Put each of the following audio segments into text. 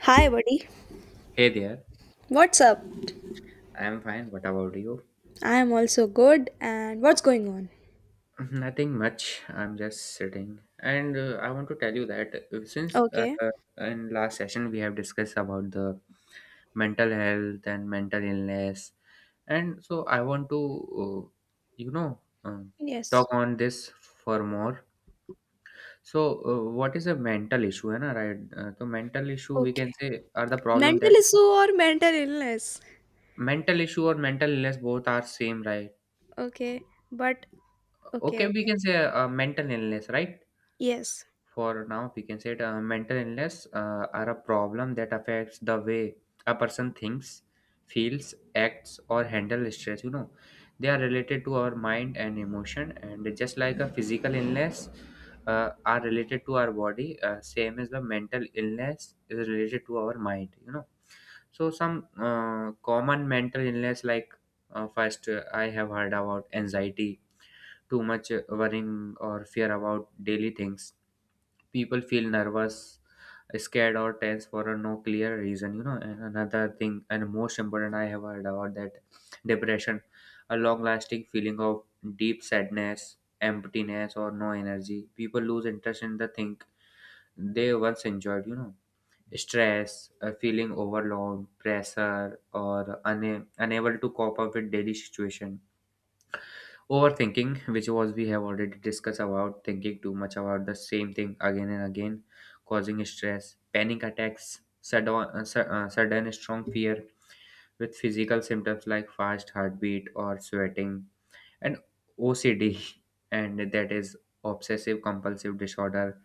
Hi, buddy. Hey there, What's up? I'm fine. What about you? I'm also good. And what's going on? Nothing much. I'm just sitting. And I want to tell you that since Okay. In last session we have discussed about the mental health and mental illness, and so I want to, uh, you know, um, Yes. talk on this for more. So, what is a mental issue, है ना? Right? Mental issue we Okay. can say are the problem that Mental issue or mental illness? mental issue or mental illness both are same, right? Okay. But okay, Okay, we okay. can say mental illness, right? Yes. For now we can say it, mental illness are a problem that affects the way a person thinks, feels, acts or handle stress, you know. They are related to our mind and emotion, and just like a physical illness are related to our body, same as the mental illness is related to our mind, you know. So some common mental illness like first, I have heard about anxiety, too much worrying or fear about daily things. People feel nervous, scared or tense for a no clear reason, you know. And another thing, and most important, I have heard about that, depression, a long lasting feeling of deep sadness, emptiness or no energy. People lose interest in the thing they once enjoyed, you know. Stress, a feeling overwhelmed pressure or unable to cope up with daily situation. Overthinking, which was we have already discussed about, thinking too much about the same thing again and again, causing stress. Panic attacks, sudden strong fear with physical symptoms like fast heartbeat or sweating, and OCD, and that is obsessive compulsive disorder,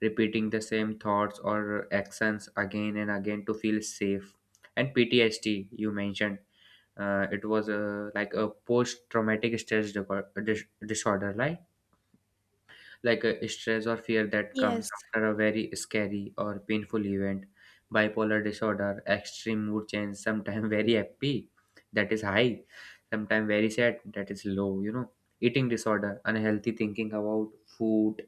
repeating the same thoughts or actions again and again to feel safe, and PTSD, you mentioned. It was a like a post-traumatic stress disorder, like a stress or fear that comes Yes. after a very scary or painful event. Bipolar disorder, extreme mood change, sometimes very happy, that is high, sometimes very sad, that is low. You know, eating disorder, unhealthy thinking about food,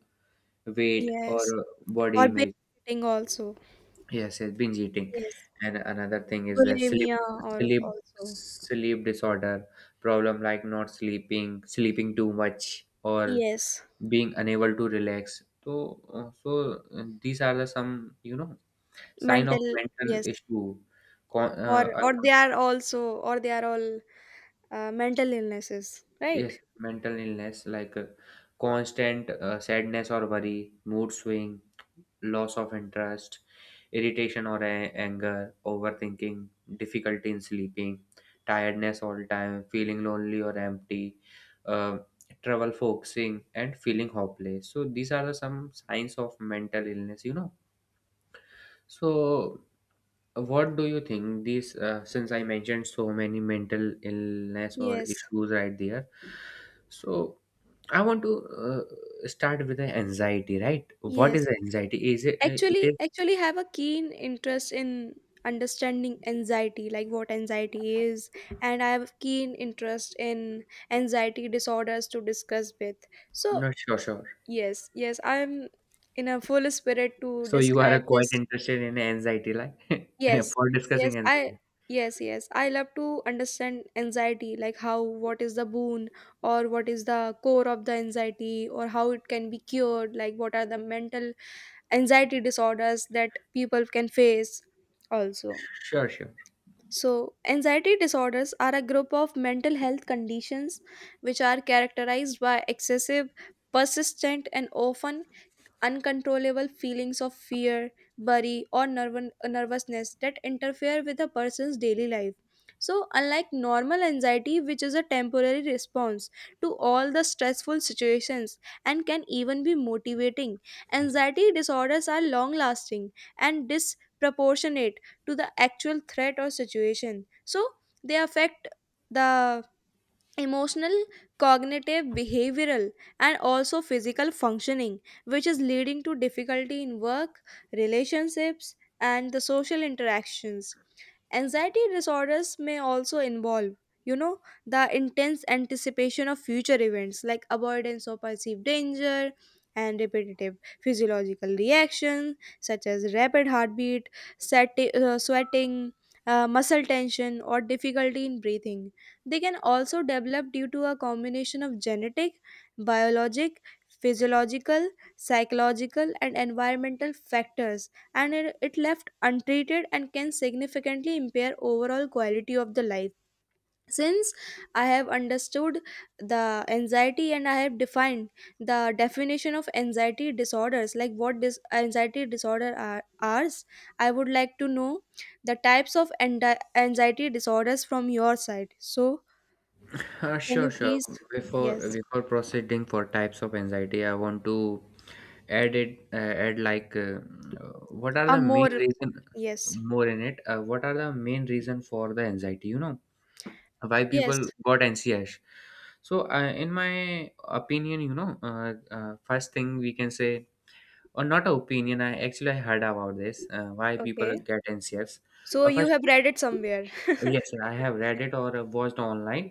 weight, or Yes. Body Or image. babysitting also. Yes, yes, binge eating. Yes. And another thing is that Bulimia or also. sleep disorder, problem like not sleeping, sleeping too much, or Yes. being unable to relax. So, these are the some, you know, sign of Mental. mental Yes. issue. Con Or or they are also or they are all mental illnesses, right? Yes, mental illness like constant sadness or worry, mood swing, loss of interest, irritation or anger, overthinking, difficulty in sleeping, tiredness all time, feeling lonely or empty, uh, trouble focusing, and feeling hopeless. So these are the some signs of mental illness, you know. So what do you think these since I mentioned so many mental illness or Yes. issues right there, so I want to start with the anxiety, right? What Yes. is anxiety? Is it it actually is... actually have a keen interest in understanding anxiety, like what anxiety is, and I have a keen interest in anxiety disorders to discuss with. So No, sure, sure. yes, yes, I'm in a full spirit to So you are describe quite this. interested in anxiety, like yes for yes discussing i anxiety. yes, yes, I love to understand anxiety, like how, what is the boon or what is the core of the anxiety, or how it can be cured, like what are the mental anxiety disorders that people can face also. Sure, sure. So anxiety disorders are a group of mental health conditions which are characterized by excessive, persistent, and often uncontrollable feelings of fear, worry, or nervousness that interfere with a person's daily life. So, unlike normal anxiety, which is a temporary response to all the stressful situations and can even be motivating, anxiety disorders are long lasting and disproportionate to the actual threat or situation. So, they affect the emotional, cognitive, behavioral, and also physical functioning, which is leading to difficulty in work, relationships, and the social interactions. Anxiety disorders may also involve, you know, the intense anticipation of future events, like avoidance of perceived danger and repetitive physiological reactions such as rapid heartbeat, sweating, muscle tension, or difficulty in breathing. They can also develop due to a combination of genetic, biologic, physiological, psychological, and environmental factors, and it, left untreated, and can significantly impair overall quality of the life. Since I have understood the anxiety and I have defined the definition of anxiety disorders, like what this anxiety disorder are, I would like to know the types of anxiety disorders from your side. So, can you Sure, sure. please? Before Yes. before proceeding for types of anxiety, I want to add it, add like, what are A the main more. reason Yes. more in it? What are the main reason for the anxiety? You know why Yes. people got anxious. So in my opinion, you know, first thing we can say, or not a opinion, I actually I heard about this, why people Okay. get anxious. So you First, have read it somewhere. yes, I have read it or watched online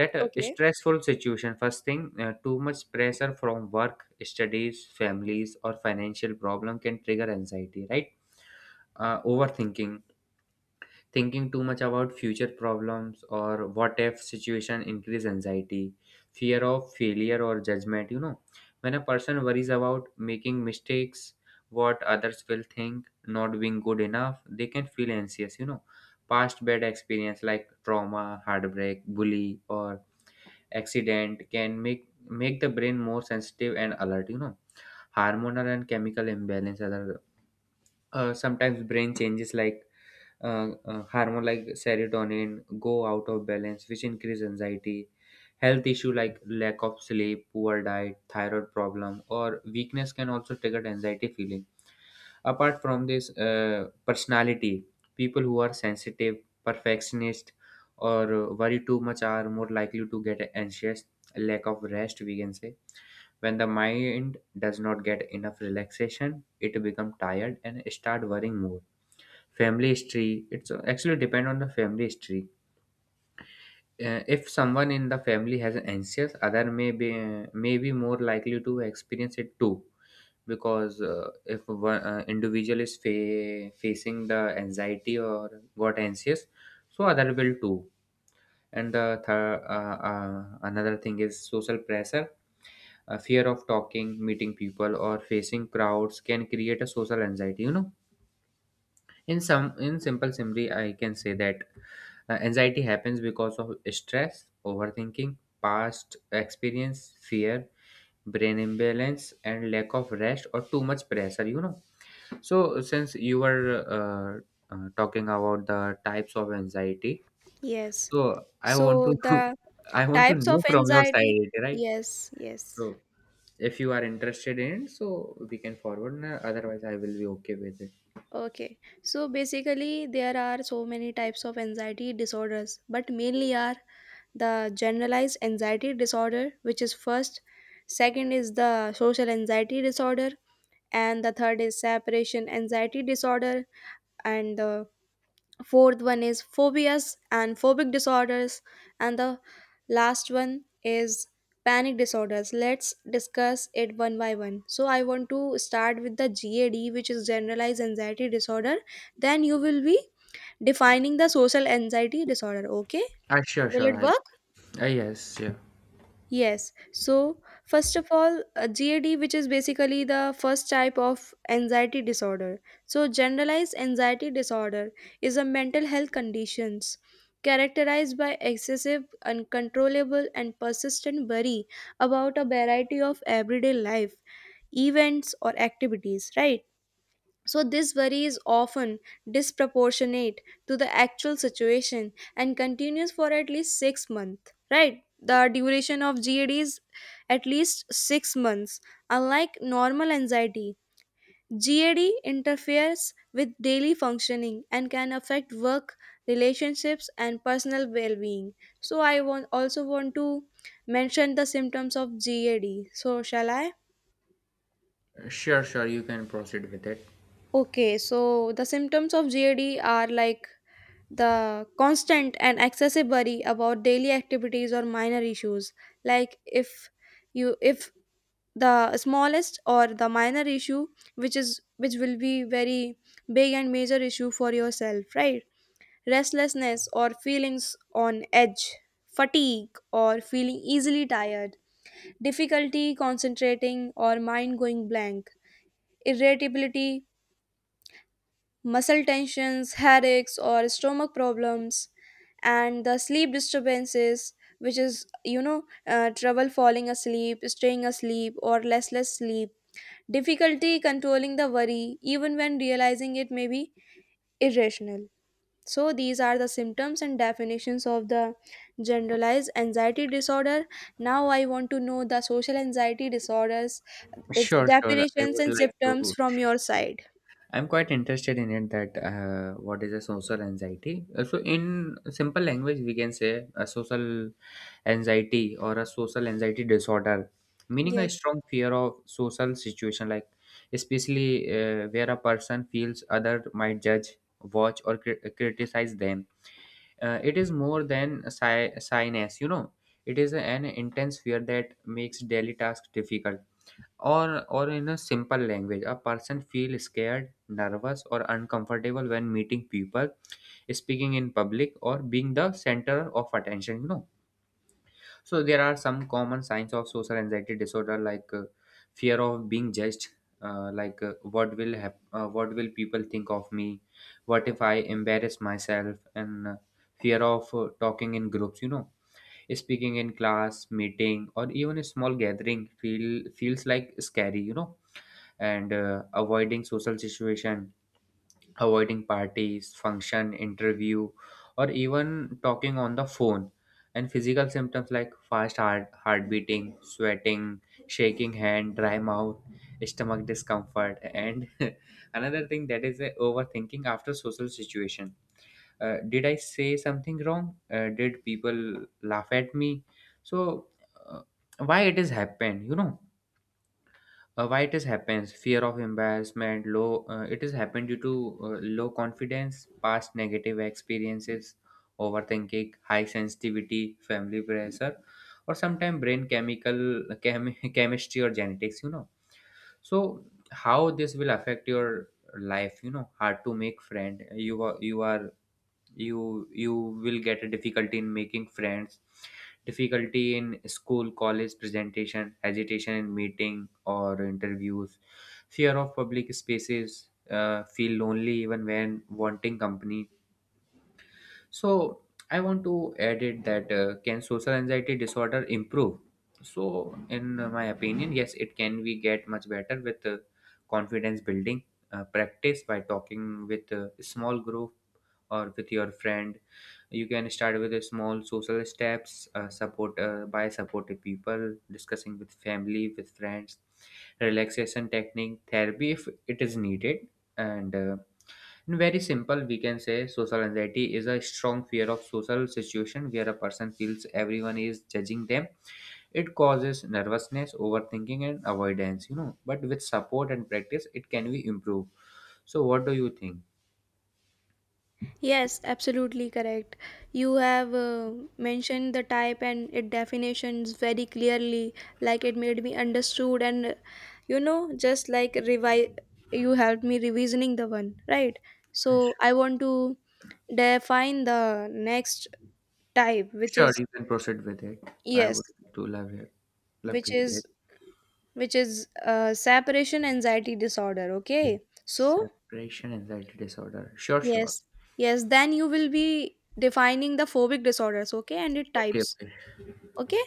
that Okay. stressful situation, first thing, too much pressure from work, studies, families or financial problem can trigger anxiety, right? Uh, overthinking, thinking too much about future problems or what if situation increase anxiety, fear of failure or judgment, you know. When a person worries about making mistakes, what others will think, not being good enough, they can feel anxious, you know. Past bad experience like trauma, heartbreak, bully or accident can make the brain more sensitive and alert, you know. Hormonal and chemical imbalance, other, sometimes brain changes like hormone like serotonin go out of balance, which increase anxiety. Health issue like lack of sleep, poor diet, thyroid problem, or weakness can also trigger anxiety feeling. Apart from this, personality, people who are sensitive, perfectionist, or worry too much are more likely to get anxious. Lack of rest, we can say. When the mind does not get enough relaxation, it become tired and start worrying more. Family history, it's actually depend on the family history. Uh, if someone in the family has an anxious, other may be more likely to experience it too, because if one individual is facing the anxiety or got anxious, so other will too. And the third, another thing is social pressure, a fear of talking, meeting people or facing crowds can create a social anxiety, you know. In some, in simple summary, I can say that, anxiety happens because of stress, overthinking, past experience, fear, brain imbalance, and lack of rest or too much pressure, you know. So, since you were talking about the types of anxiety, Yes. so I want So to the I want to types know of from your anxiety. side, right? Yes. Yes. So, if you are interested in it, so we can forward. Otherwise, I will be okay with it. Okay. So basically, there are so many types of anxiety disorders, but mainly are the generalized anxiety disorder, which is first. Second is the social anxiety disorder, and the third is separation anxiety disorder, and the fourth one is phobias and phobic disorders, and the last one is panic disorders. Let's discuss it one by one. So I want to start with the GAD, which is generalized anxiety disorder. Then you will be defining the social anxiety disorder, okay? Ah, sure, Will sure. it I, work? Yes, yeah, Yes. So, first of all, GAD, which is basically the first type of anxiety disorder. So, generalized anxiety disorder is a mental health conditions characterized by excessive, uncontrollable, and persistent worry about a variety of everyday life, events, or activities, right? So, this worry is often disproportionate to the actual situation and continues for at least 6 months, right? The duration of GAD is at least 6 months. Unlike normal anxiety, GAD interferes with daily functioning and can affect work, relationships, and personal well being. So, I also want to mention the symptoms of GAD. So, shall I? sure, sure. You can proceed with it. Okay, so the symptoms of GAD are like the constant and excessive worry about daily activities or minor issues, like if the smallest or the minor issue, which is which will be very big and major issue for yourself, right? Restlessness or feelings on edge, fatigue or feeling easily tired, difficulty concentrating or mind going blank, irritability, muscle tensions, headaches, or stomach problems, and the sleep disturbances, which is, you know, trouble falling asleep, staying asleep, or restless sleep, difficulty controlling the worry, even when realizing it may be irrational. So, these are the symptoms and definitions of the generalized anxiety disorder. Now, I want to know the social anxiety disorders, its Sure, sure. I definitions would and like symptoms to. from your side. I'm quite interested in it that, what is a social anxiety? So, in simple language, we can say a social anxiety or a social anxiety disorder, meaning a Yes. strong fear of social situation, like especially where a person feels other might judge, watch, or criticize them. It is more than a shyness, you know. It is an intense fear that makes daily tasks difficult, or in a simple language, a person feel scared, nervous or uncomfortable when meeting people, speaking in public or being the center of attention, you know. So there are some common signs of social anxiety disorder, like fear of being judged, like, what will what will people think of me, what if I embarrass myself, and fear of talking in groups, you know, speaking in class, meeting or even a small gathering feels like scary, you know. And avoiding social situation, avoiding parties, function, interview, or even talking on the phone, and physical symptoms like fast heart beating, sweating, shaking hand, dry mouth, stomach discomfort, and another thing that is overthinking after social situation. Uh, did I say something wrong? Uh, did people laugh at me? So uh, why it is happened, you know? Uh, why it is happens? Fear of embarrassment, low, it has happened due to low confidence, past negative experiences, overthinking, high sensitivity, family pressure, or sometimes brain chemical, chemistry or genetics, you know. So how this will affect your life, you know? Hard to make friend. You are you are you you will get a difficulty in making friends, difficulty in school, college presentation, agitation in meeting or interviews, fear of public spaces, feel lonely even when wanting company. So I want to add it that, can social anxiety disorder improve? So in my opinion, yes, it can. We get much better with confidence building, practice by talking with a small group or with your friend. You can start with a small social steps, support, by supportive people, discussing with family, with friends, relaxation technique, therapy if it is needed, and. In very simple, we can say social anxiety is a strong fear of social situation where a person feels everyone is judging them. It causes nervousness, overthinking, and avoidance. You know, but with support and practice, it can be improved. So, what do you think? Yes, absolutely correct. You have mentioned the type and its definitions very clearly, like it made me understood, and you know, just like you helped me revisioning the one, right? So I want to define the next type, which Sure, is you can proceed with it. I would yes, to love it. Love to which hear it. is which is separation anxiety disorder. Okay, so Separation anxiety disorder. Sure, sure. yes, yes, then you will be defining the phobic disorders. Okay, and it Okay, types. okay. Okay.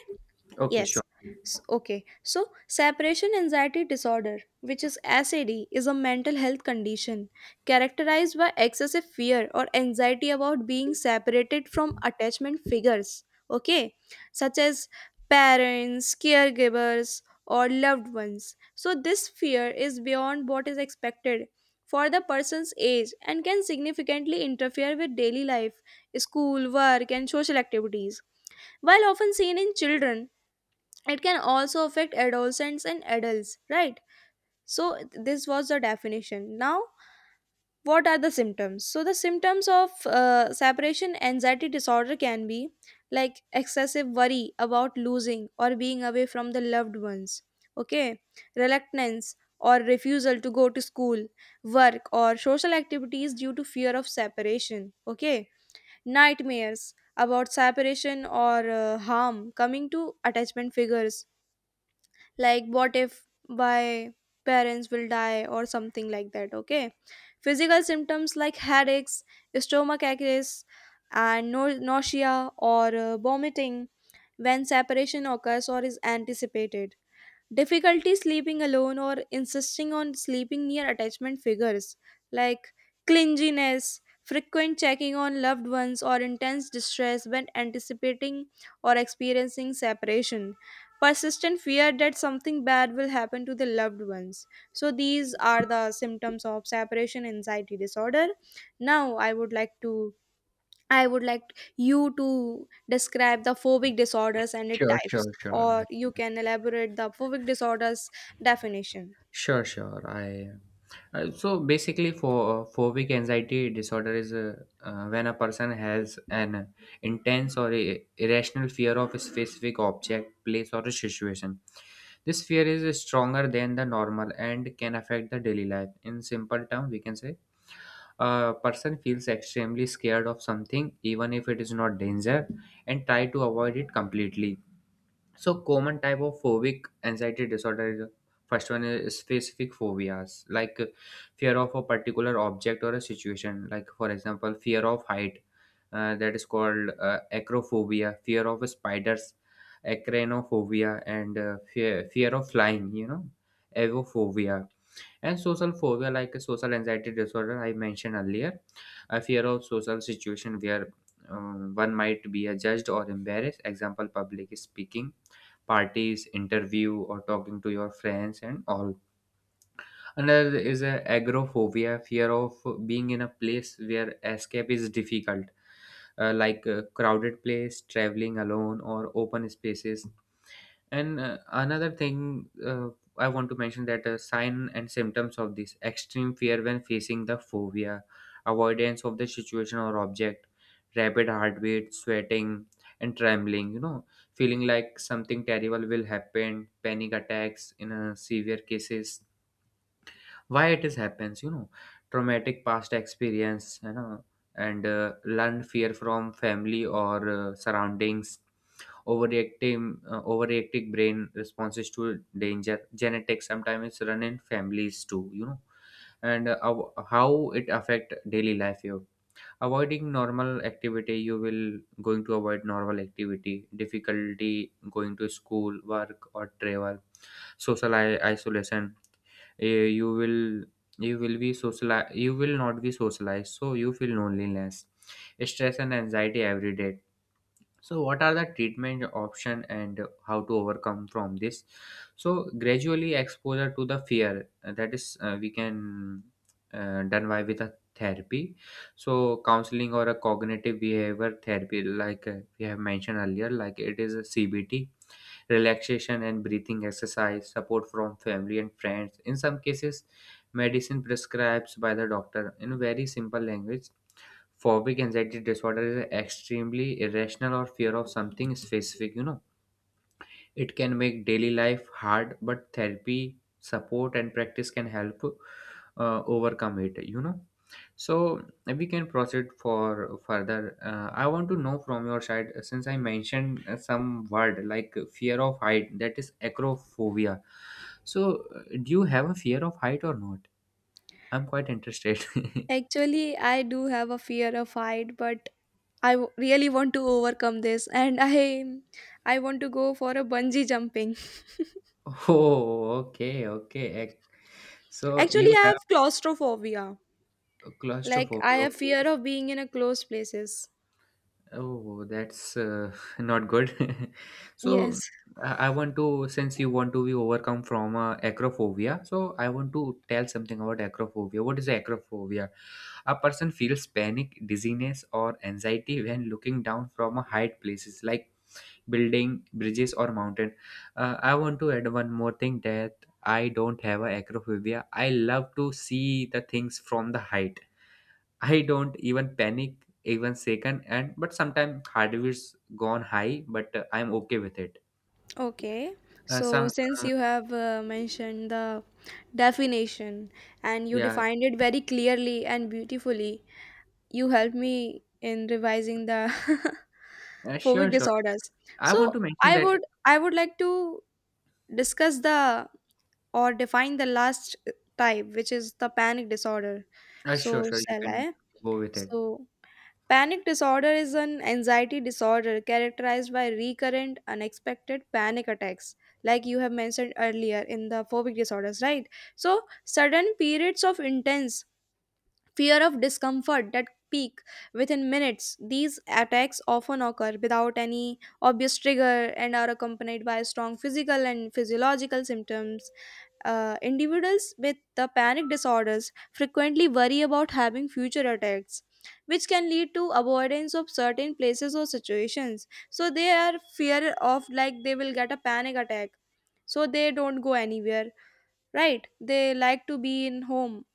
Okay, sure. Yes. Okay. So, separation anxiety disorder, which is SAD, is a mental health condition characterized by excessive fear or anxiety about being separated from attachment figures, okay, such as parents, caregivers, or loved ones. So, this fear is beyond what is expected for the person's age and can significantly interfere with daily life, school, work, and social activities. While often seen in children, it can also affect adolescents and adults, right? So this was the definition. Now what are the symptoms? So the symptoms of separation anxiety disorder can be like excessive worry about losing or being away from the loved ones, okay? Reluctance or refusal to go to school, work, or social activities due to fear of separation, okay? Nightmares about separation or harm coming to attachment figures, like what if my parents will die or something like that, okay? Physical symptoms like headaches, stomach aches, and nausea or vomiting when separation occurs or is anticipated. Difficulty sleeping alone or insisting on sleeping near attachment figures, like clinginess, frequent checking on loved ones, or intense distress when anticipating or experiencing separation, persistent fear that something bad will happen to the loved ones. So, these are the symptoms of separation anxiety disorder. Now, I would like to I would like you to describe the phobic disorders and its Sure, types, sure, sure. I... or you can elaborate the phobic disorders definition. Sure, sure. I, so basically, for phobic anxiety disorder is when a person has an intense or irrational fear of a specific object, place, or a situation. This fear is stronger than the normal and can affect the daily life. In simple term, we can say a person feels extremely scared of something, even if it is not danger, and try to avoid it completely. So common type of phobic anxiety disorder is, first one is specific phobias, like fear of a particular object or a situation, like for example fear of height, that is called acrophobia, fear of spiders, acranophobia, and fear of flying, avophobia. And social phobia, like a social anxiety disorder I mentioned earlier, a fear of social situation where one might be judged or embarrassed, example public speaking, parties, interview, or talking to your friends and all. Another is a agoraphobia, fear of being in a place where escape is difficult, like a crowded place, traveling alone, or open spaces. And another thing I want to mention that sign and symptoms of this, extreme fear when facing the phobia, avoidance of the situation or object, rapid heartbeat, sweating, and trembling, feeling like something terrible will happen, panic attacks in severe cases. Why it is happens? Traumatic past experience, and learned fear from family or surroundings, overreacting, overreactive brain responses to danger, genetics, sometimes it's run in families too. And how it affect daily life, you avoiding normal activity, you will going to avoid normal activity, difficulty going to school, work or travel, social isolation, eh, you will be socialized, you will not be socialized, so you feel loneliness, stress and anxiety every day. So what are the treatment option and how to overcome from this? So gradually exposure to the fear, that is we can done by with a therapy. So counseling or a cognitive behavior therapy, like we have mentioned earlier, like it is a CBT, relaxation and breathing exercise, support from family and friends, in some cases, medicine prescribed by the doctor. In very simple language, phobic anxiety disorder is extremely irrational or fear of something specific. It can make daily life hard, but therapy, support, and practice can help overcome it. So we can proceed for further. I want to know from your side, since I mentioned some word like fear of height, that is acrophobia. So do you have a fear of height or not? I'm quite interested. Actually, I do have a fear of height, but I really want to overcome this, and I want to go for a bungee jumping. Oh, okay, okay. Ac- So Actually, you I have have claustrophobia. Like I claustrophobia. have fear Okay. of being in a closed places. Oh, that's not good. So Yes. I want to, since you want to be overcome from acrophobia, so I want to tell something about acrophobia. What is acrophobia? A person feels panic, dizziness, or anxiety when looking down from a height places like building, bridges, or mountain. I want to add one more thing, that I don't have a acrophobia. I love to see the things from the height. I don't even panic even second, and but sometimes hardware's gone high, but I'm okay with it. Okay, so Some since uh, you have mentioned the definition and you yeah. defined it very clearly and beautifully, you helped me in revising the uh, phobic sure sure disorders. I want So to mention I would that like to discuss the or define the last type, which is the panic disorder. uh, sure So sure you shall can I? go with it. So panic disorder is an anxiety disorder characterized by recurrent, unexpected panic attacks, like you have mentioned earlier in the phobic disorders, right? So, sudden periods of intense fear of discomfort that peak within minutes. These attacks often occur without any obvious trigger and are accompanied by strong physical and physiological symptoms. Individuals with the panic disorders frequently worry about having future attacks, which can lead to avoidance of certain places or situations. So they are fear of like they will get a panic attack. So they don't go anywhere, right? They like to be in home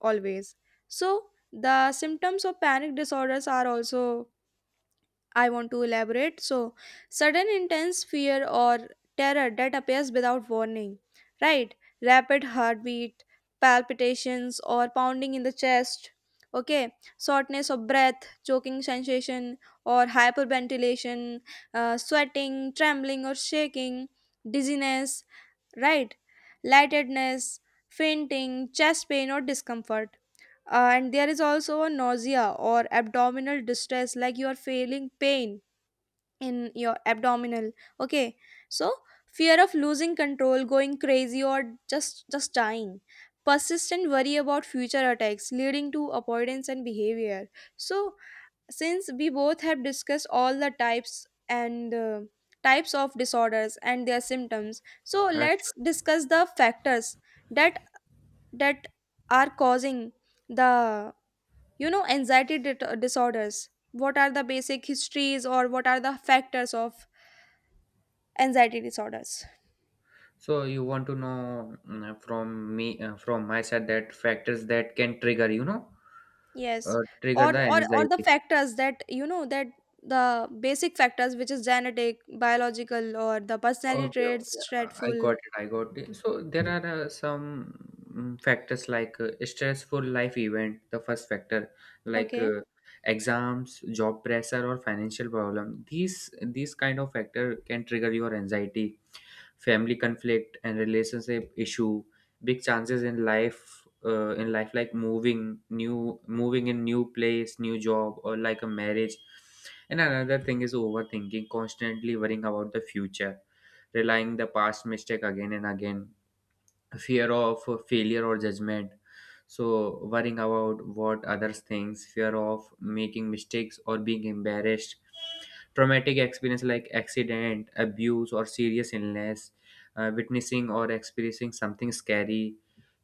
always. So the symptoms of panic disorders are also I want to elaborate. So, sudden intense fear or terror that appears without warning, right? Rapid heartbeat, palpitations, or pounding in the chest, okay? Shortness of breath, choking sensation, or hyperventilation, sweating, trembling, or shaking, dizziness, right? Lightedness, fainting, chest pain, or discomfort. And there is also a nausea or abdominal distress, like you are feeling pain in your abdominal, okay? So fear of losing control, going crazy, or just dying, persistent worry about future attacks leading to avoidance and behavior. So since we both have discussed all the types and types of disorders and their symptoms, so let's Sure. discuss the factors that that are causing the, you know, anxiety disorders. What are the basic histories or what are the factors of anxiety disorders? So you want to know, from me, from my side, that factors that can trigger, Yes. Trigger Or the or the anxiety. factors that, you know, that the basic factors which is genetic, biological, or the personality Okay, traits, okay. I dreadful. got it. I got it. So there are some factors, like stressful life event, the first factor, like Okay. Exams, job pressure, or financial problem. These kind of factor can trigger your anxiety, family conflict and relationship issue, big chances in life in life, like moving in new place, new job, or like a marriage. And another thing is overthinking, constantly worrying about the future, relying the past mistake again and again, fear of failure or judgment, so worrying about what others thinks, fear of making mistakes or being embarrassed, traumatic experience like accident, abuse, or serious illness, witnessing or experiencing something scary,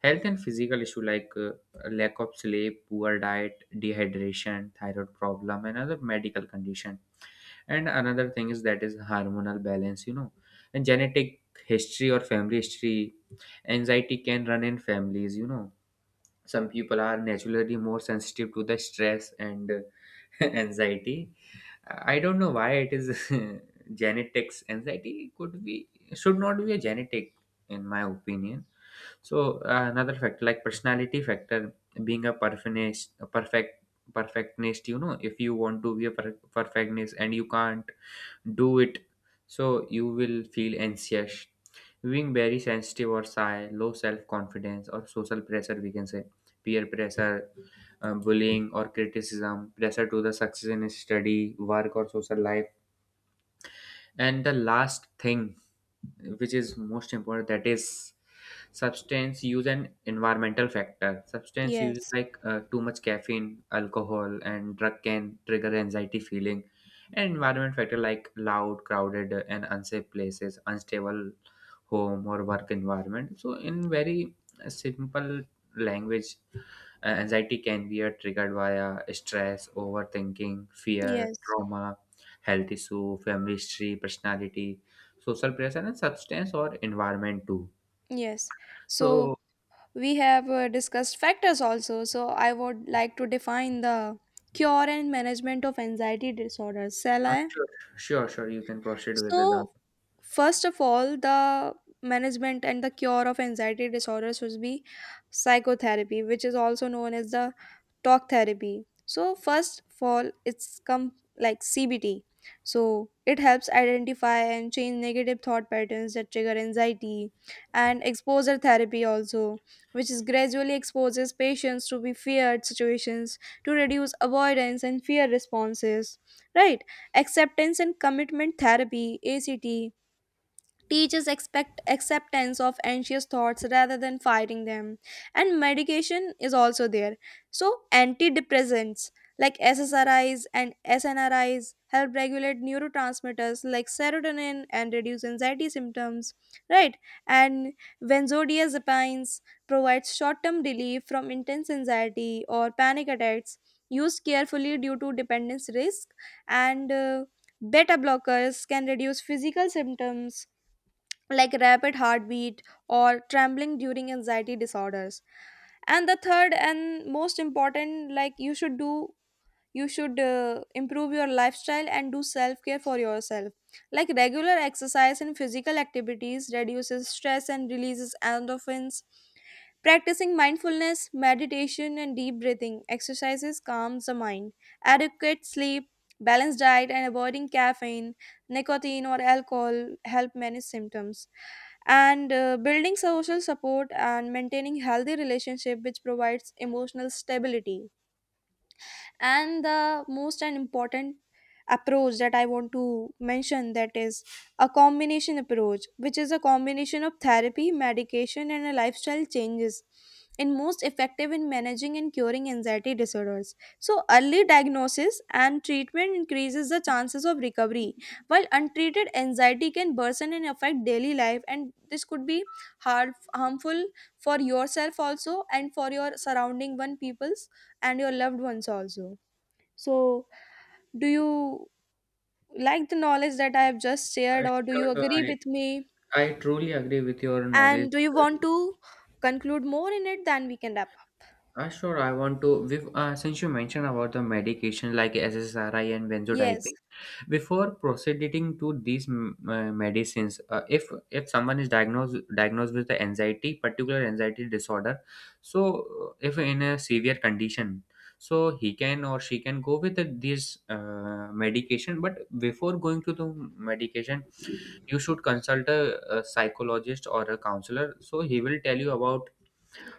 health and physical issue, like lack of sleep, poor diet, dehydration, thyroid problem, and other medical condition. And another thing is that is hormonal balance, and genetic history or family history. Anxiety can run in families. Some people are naturally more sensitive to the stress and anxiety. I don't know why it is. Genetics, anxiety could be, should not be a genetic in my opinion. So another factor, like personality factor, being a perfectionist, a perfect perfectionist, you know, if you want to be a perfectionist and you can't do it, so you will feel anxious, being very sensitive or shy, low self confidence, or social pressure, we can say peer pressure, bullying, or criticism, pressure to the success in study, work, or social life. And the last thing, which is most important, that is substance use and environmental factor. Substance use, Yes. like too much caffeine, alcohol, and drug can trigger anxiety feeling. And environment factor like loud, crowded, and unsafe places, unstable home or work environment. So, in very simple language, anxiety can be triggered via stress, overthinking, fear, Yes. trauma, health issue, family history, personality, social pressure, and substance or environment too. Yes. So So, we have discussed factors also, so I would like to define the cure and management of anxiety disorders. Shall uh, I? sure, sure, sure, you can proceed with the. So, first of all, the management and the cure of anxiety disorders should be psychotherapy, which is also known as the talk therapy. So, first of all, it's come like CBT. So, it helps identify and change negative thought patterns that trigger anxiety, and exposure therapy also, which is gradually exposes patients to be feared situations to reduce avoidance and fear responses, right? Acceptance and commitment therapy, ACT, teachers expect acceptance of anxious thoughts rather than fighting them. And medication is also there. So antidepressants like SSRIs and SNRIs help regulate neurotransmitters like serotonin and reduce anxiety symptoms, right? And benzodiazepines provides short-term relief from intense anxiety or panic attacks, used carefully due to dependence risk. And beta blockers can reduce physical symptoms like rapid heartbeat or trembling during anxiety disorders. And the third and most important, like you should do, you should improve your lifestyle and do self care for yourself, like regular exercise and physical activities reduces stress and releases endorphins, practicing mindfulness meditation and deep breathing exercises calms the mind, adequate sleep, balanced diet, and avoiding caffeine, nicotine, or alcohol help manage symptoms. And building social support and maintaining healthy relationship, which provides emotional stability, and the most and important approach that I want to mention, that is a combination approach, which is a combination of therapy, medication, and a lifestyle changes, in most effective in managing and curing anxiety disorders. So early diagnosis and treatment increases the chances of recovery, while untreated anxiety can worsen and affect daily life, and this could be hard harmful for yourself also and for your surrounding one peoples and your loved ones also. So, do you like the knowledge that I have just shared, or do you Sure, sure, agree with me? I truly agree with your And knowledge. do you want to conclude more in it? Then we can wrap up. Sure, I want to. Since you mentioned about the medication like SSRI and Yes. benzodiazepine. Before proceeding to these medicines, if someone is diagnosed with the anxiety, particular anxiety disorder, so if in a severe condition, so he can or she can go with these medication. But before going to the medication, you should consult a psychologist or a counselor. So he will tell you about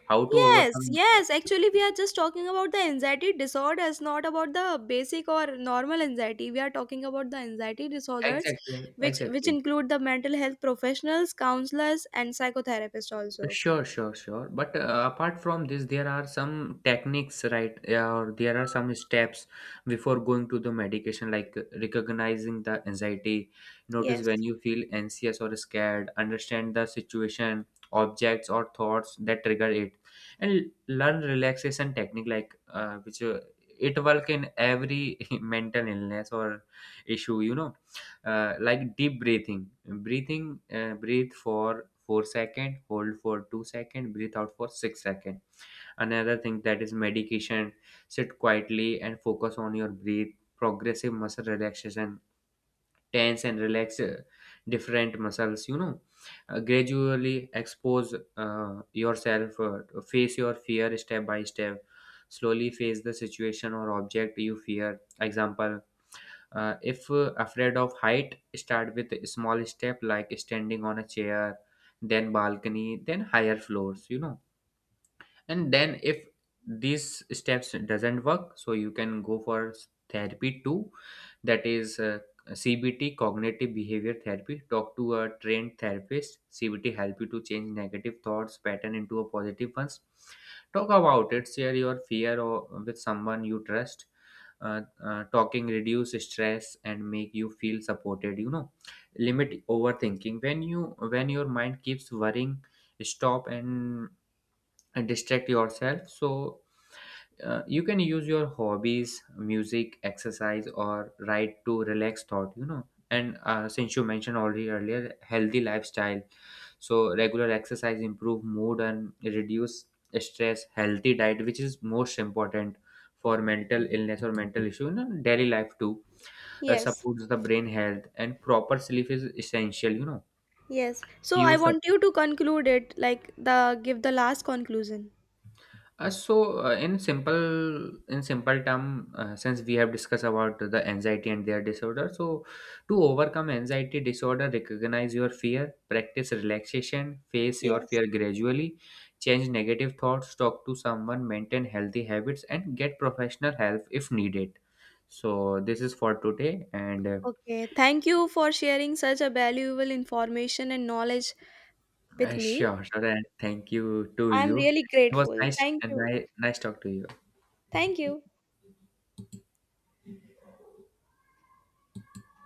how to Yes, overcome. yes. Actually, we are just talking about the anxiety disorders, not about the basic or normal anxiety. We are talking about the anxiety disorders, Exactly, which exactly. include the mental health professionals, counselors, and psychotherapists also. Sure, sure, sure. But apart from this, there are some techniques, right? Yeah. Or there are some steps before going to the medication, like recognizing the anxiety. Notice Yes. when you feel anxious or scared, understand the situation, objects, or thoughts that trigger it, and learn relaxation technique, like which it work in every mental illness or issue. Like deep breathing breathing breathe for four second, hold for two second, breathe out for six second. Another thing that is medication, sit quietly and focus on your breath, progressive muscle relaxation, tense and relax different muscles. Gradually expose uh, yourself, face your fear step by step, slowly face the situation or object you fear. Example, if afraid of height, start with a small step like standing on a chair, then balcony, then higher floors, you know. And then if these steps doesn't work, so you can go for therapy too, that is CBT, cognitive behavior therapy. Talk to a trained therapist. CBT help you to change negative thoughts pattern into a positive ones. Talk about it, share your fear or with someone you trust. Talking reduce stress and make you feel supported, you know, limit overthinking. When your mind keeps worrying, stop and, and distract yourself. So you can use your hobbies, music, exercise, or write to relax thought. And since you mentioned already earlier healthy lifestyle, so regular exercise improve mood and reduce stress, healthy diet, which is most important for mental illness or mental issue. You know, daily life too, Yes. supports the brain health and proper sleep is essential. Yes. So I Use want you to conclude it, like the give the last conclusion. So, in simple, in simple term, since we have discussed about the anxiety and their disorder, so to overcome anxiety disorder, recognize your fear, practice relaxation, face your Yes. fear gradually, change negative thoughts, talk to someone, maintain healthy habits, and get professional help if needed. So this is for today, and Okay. Thank you for sharing such a valuable information and knowledge with me. sure, sure, and thank you to I'm you. really It was grateful. nice Thank and you. Nice talk to you. Thank you.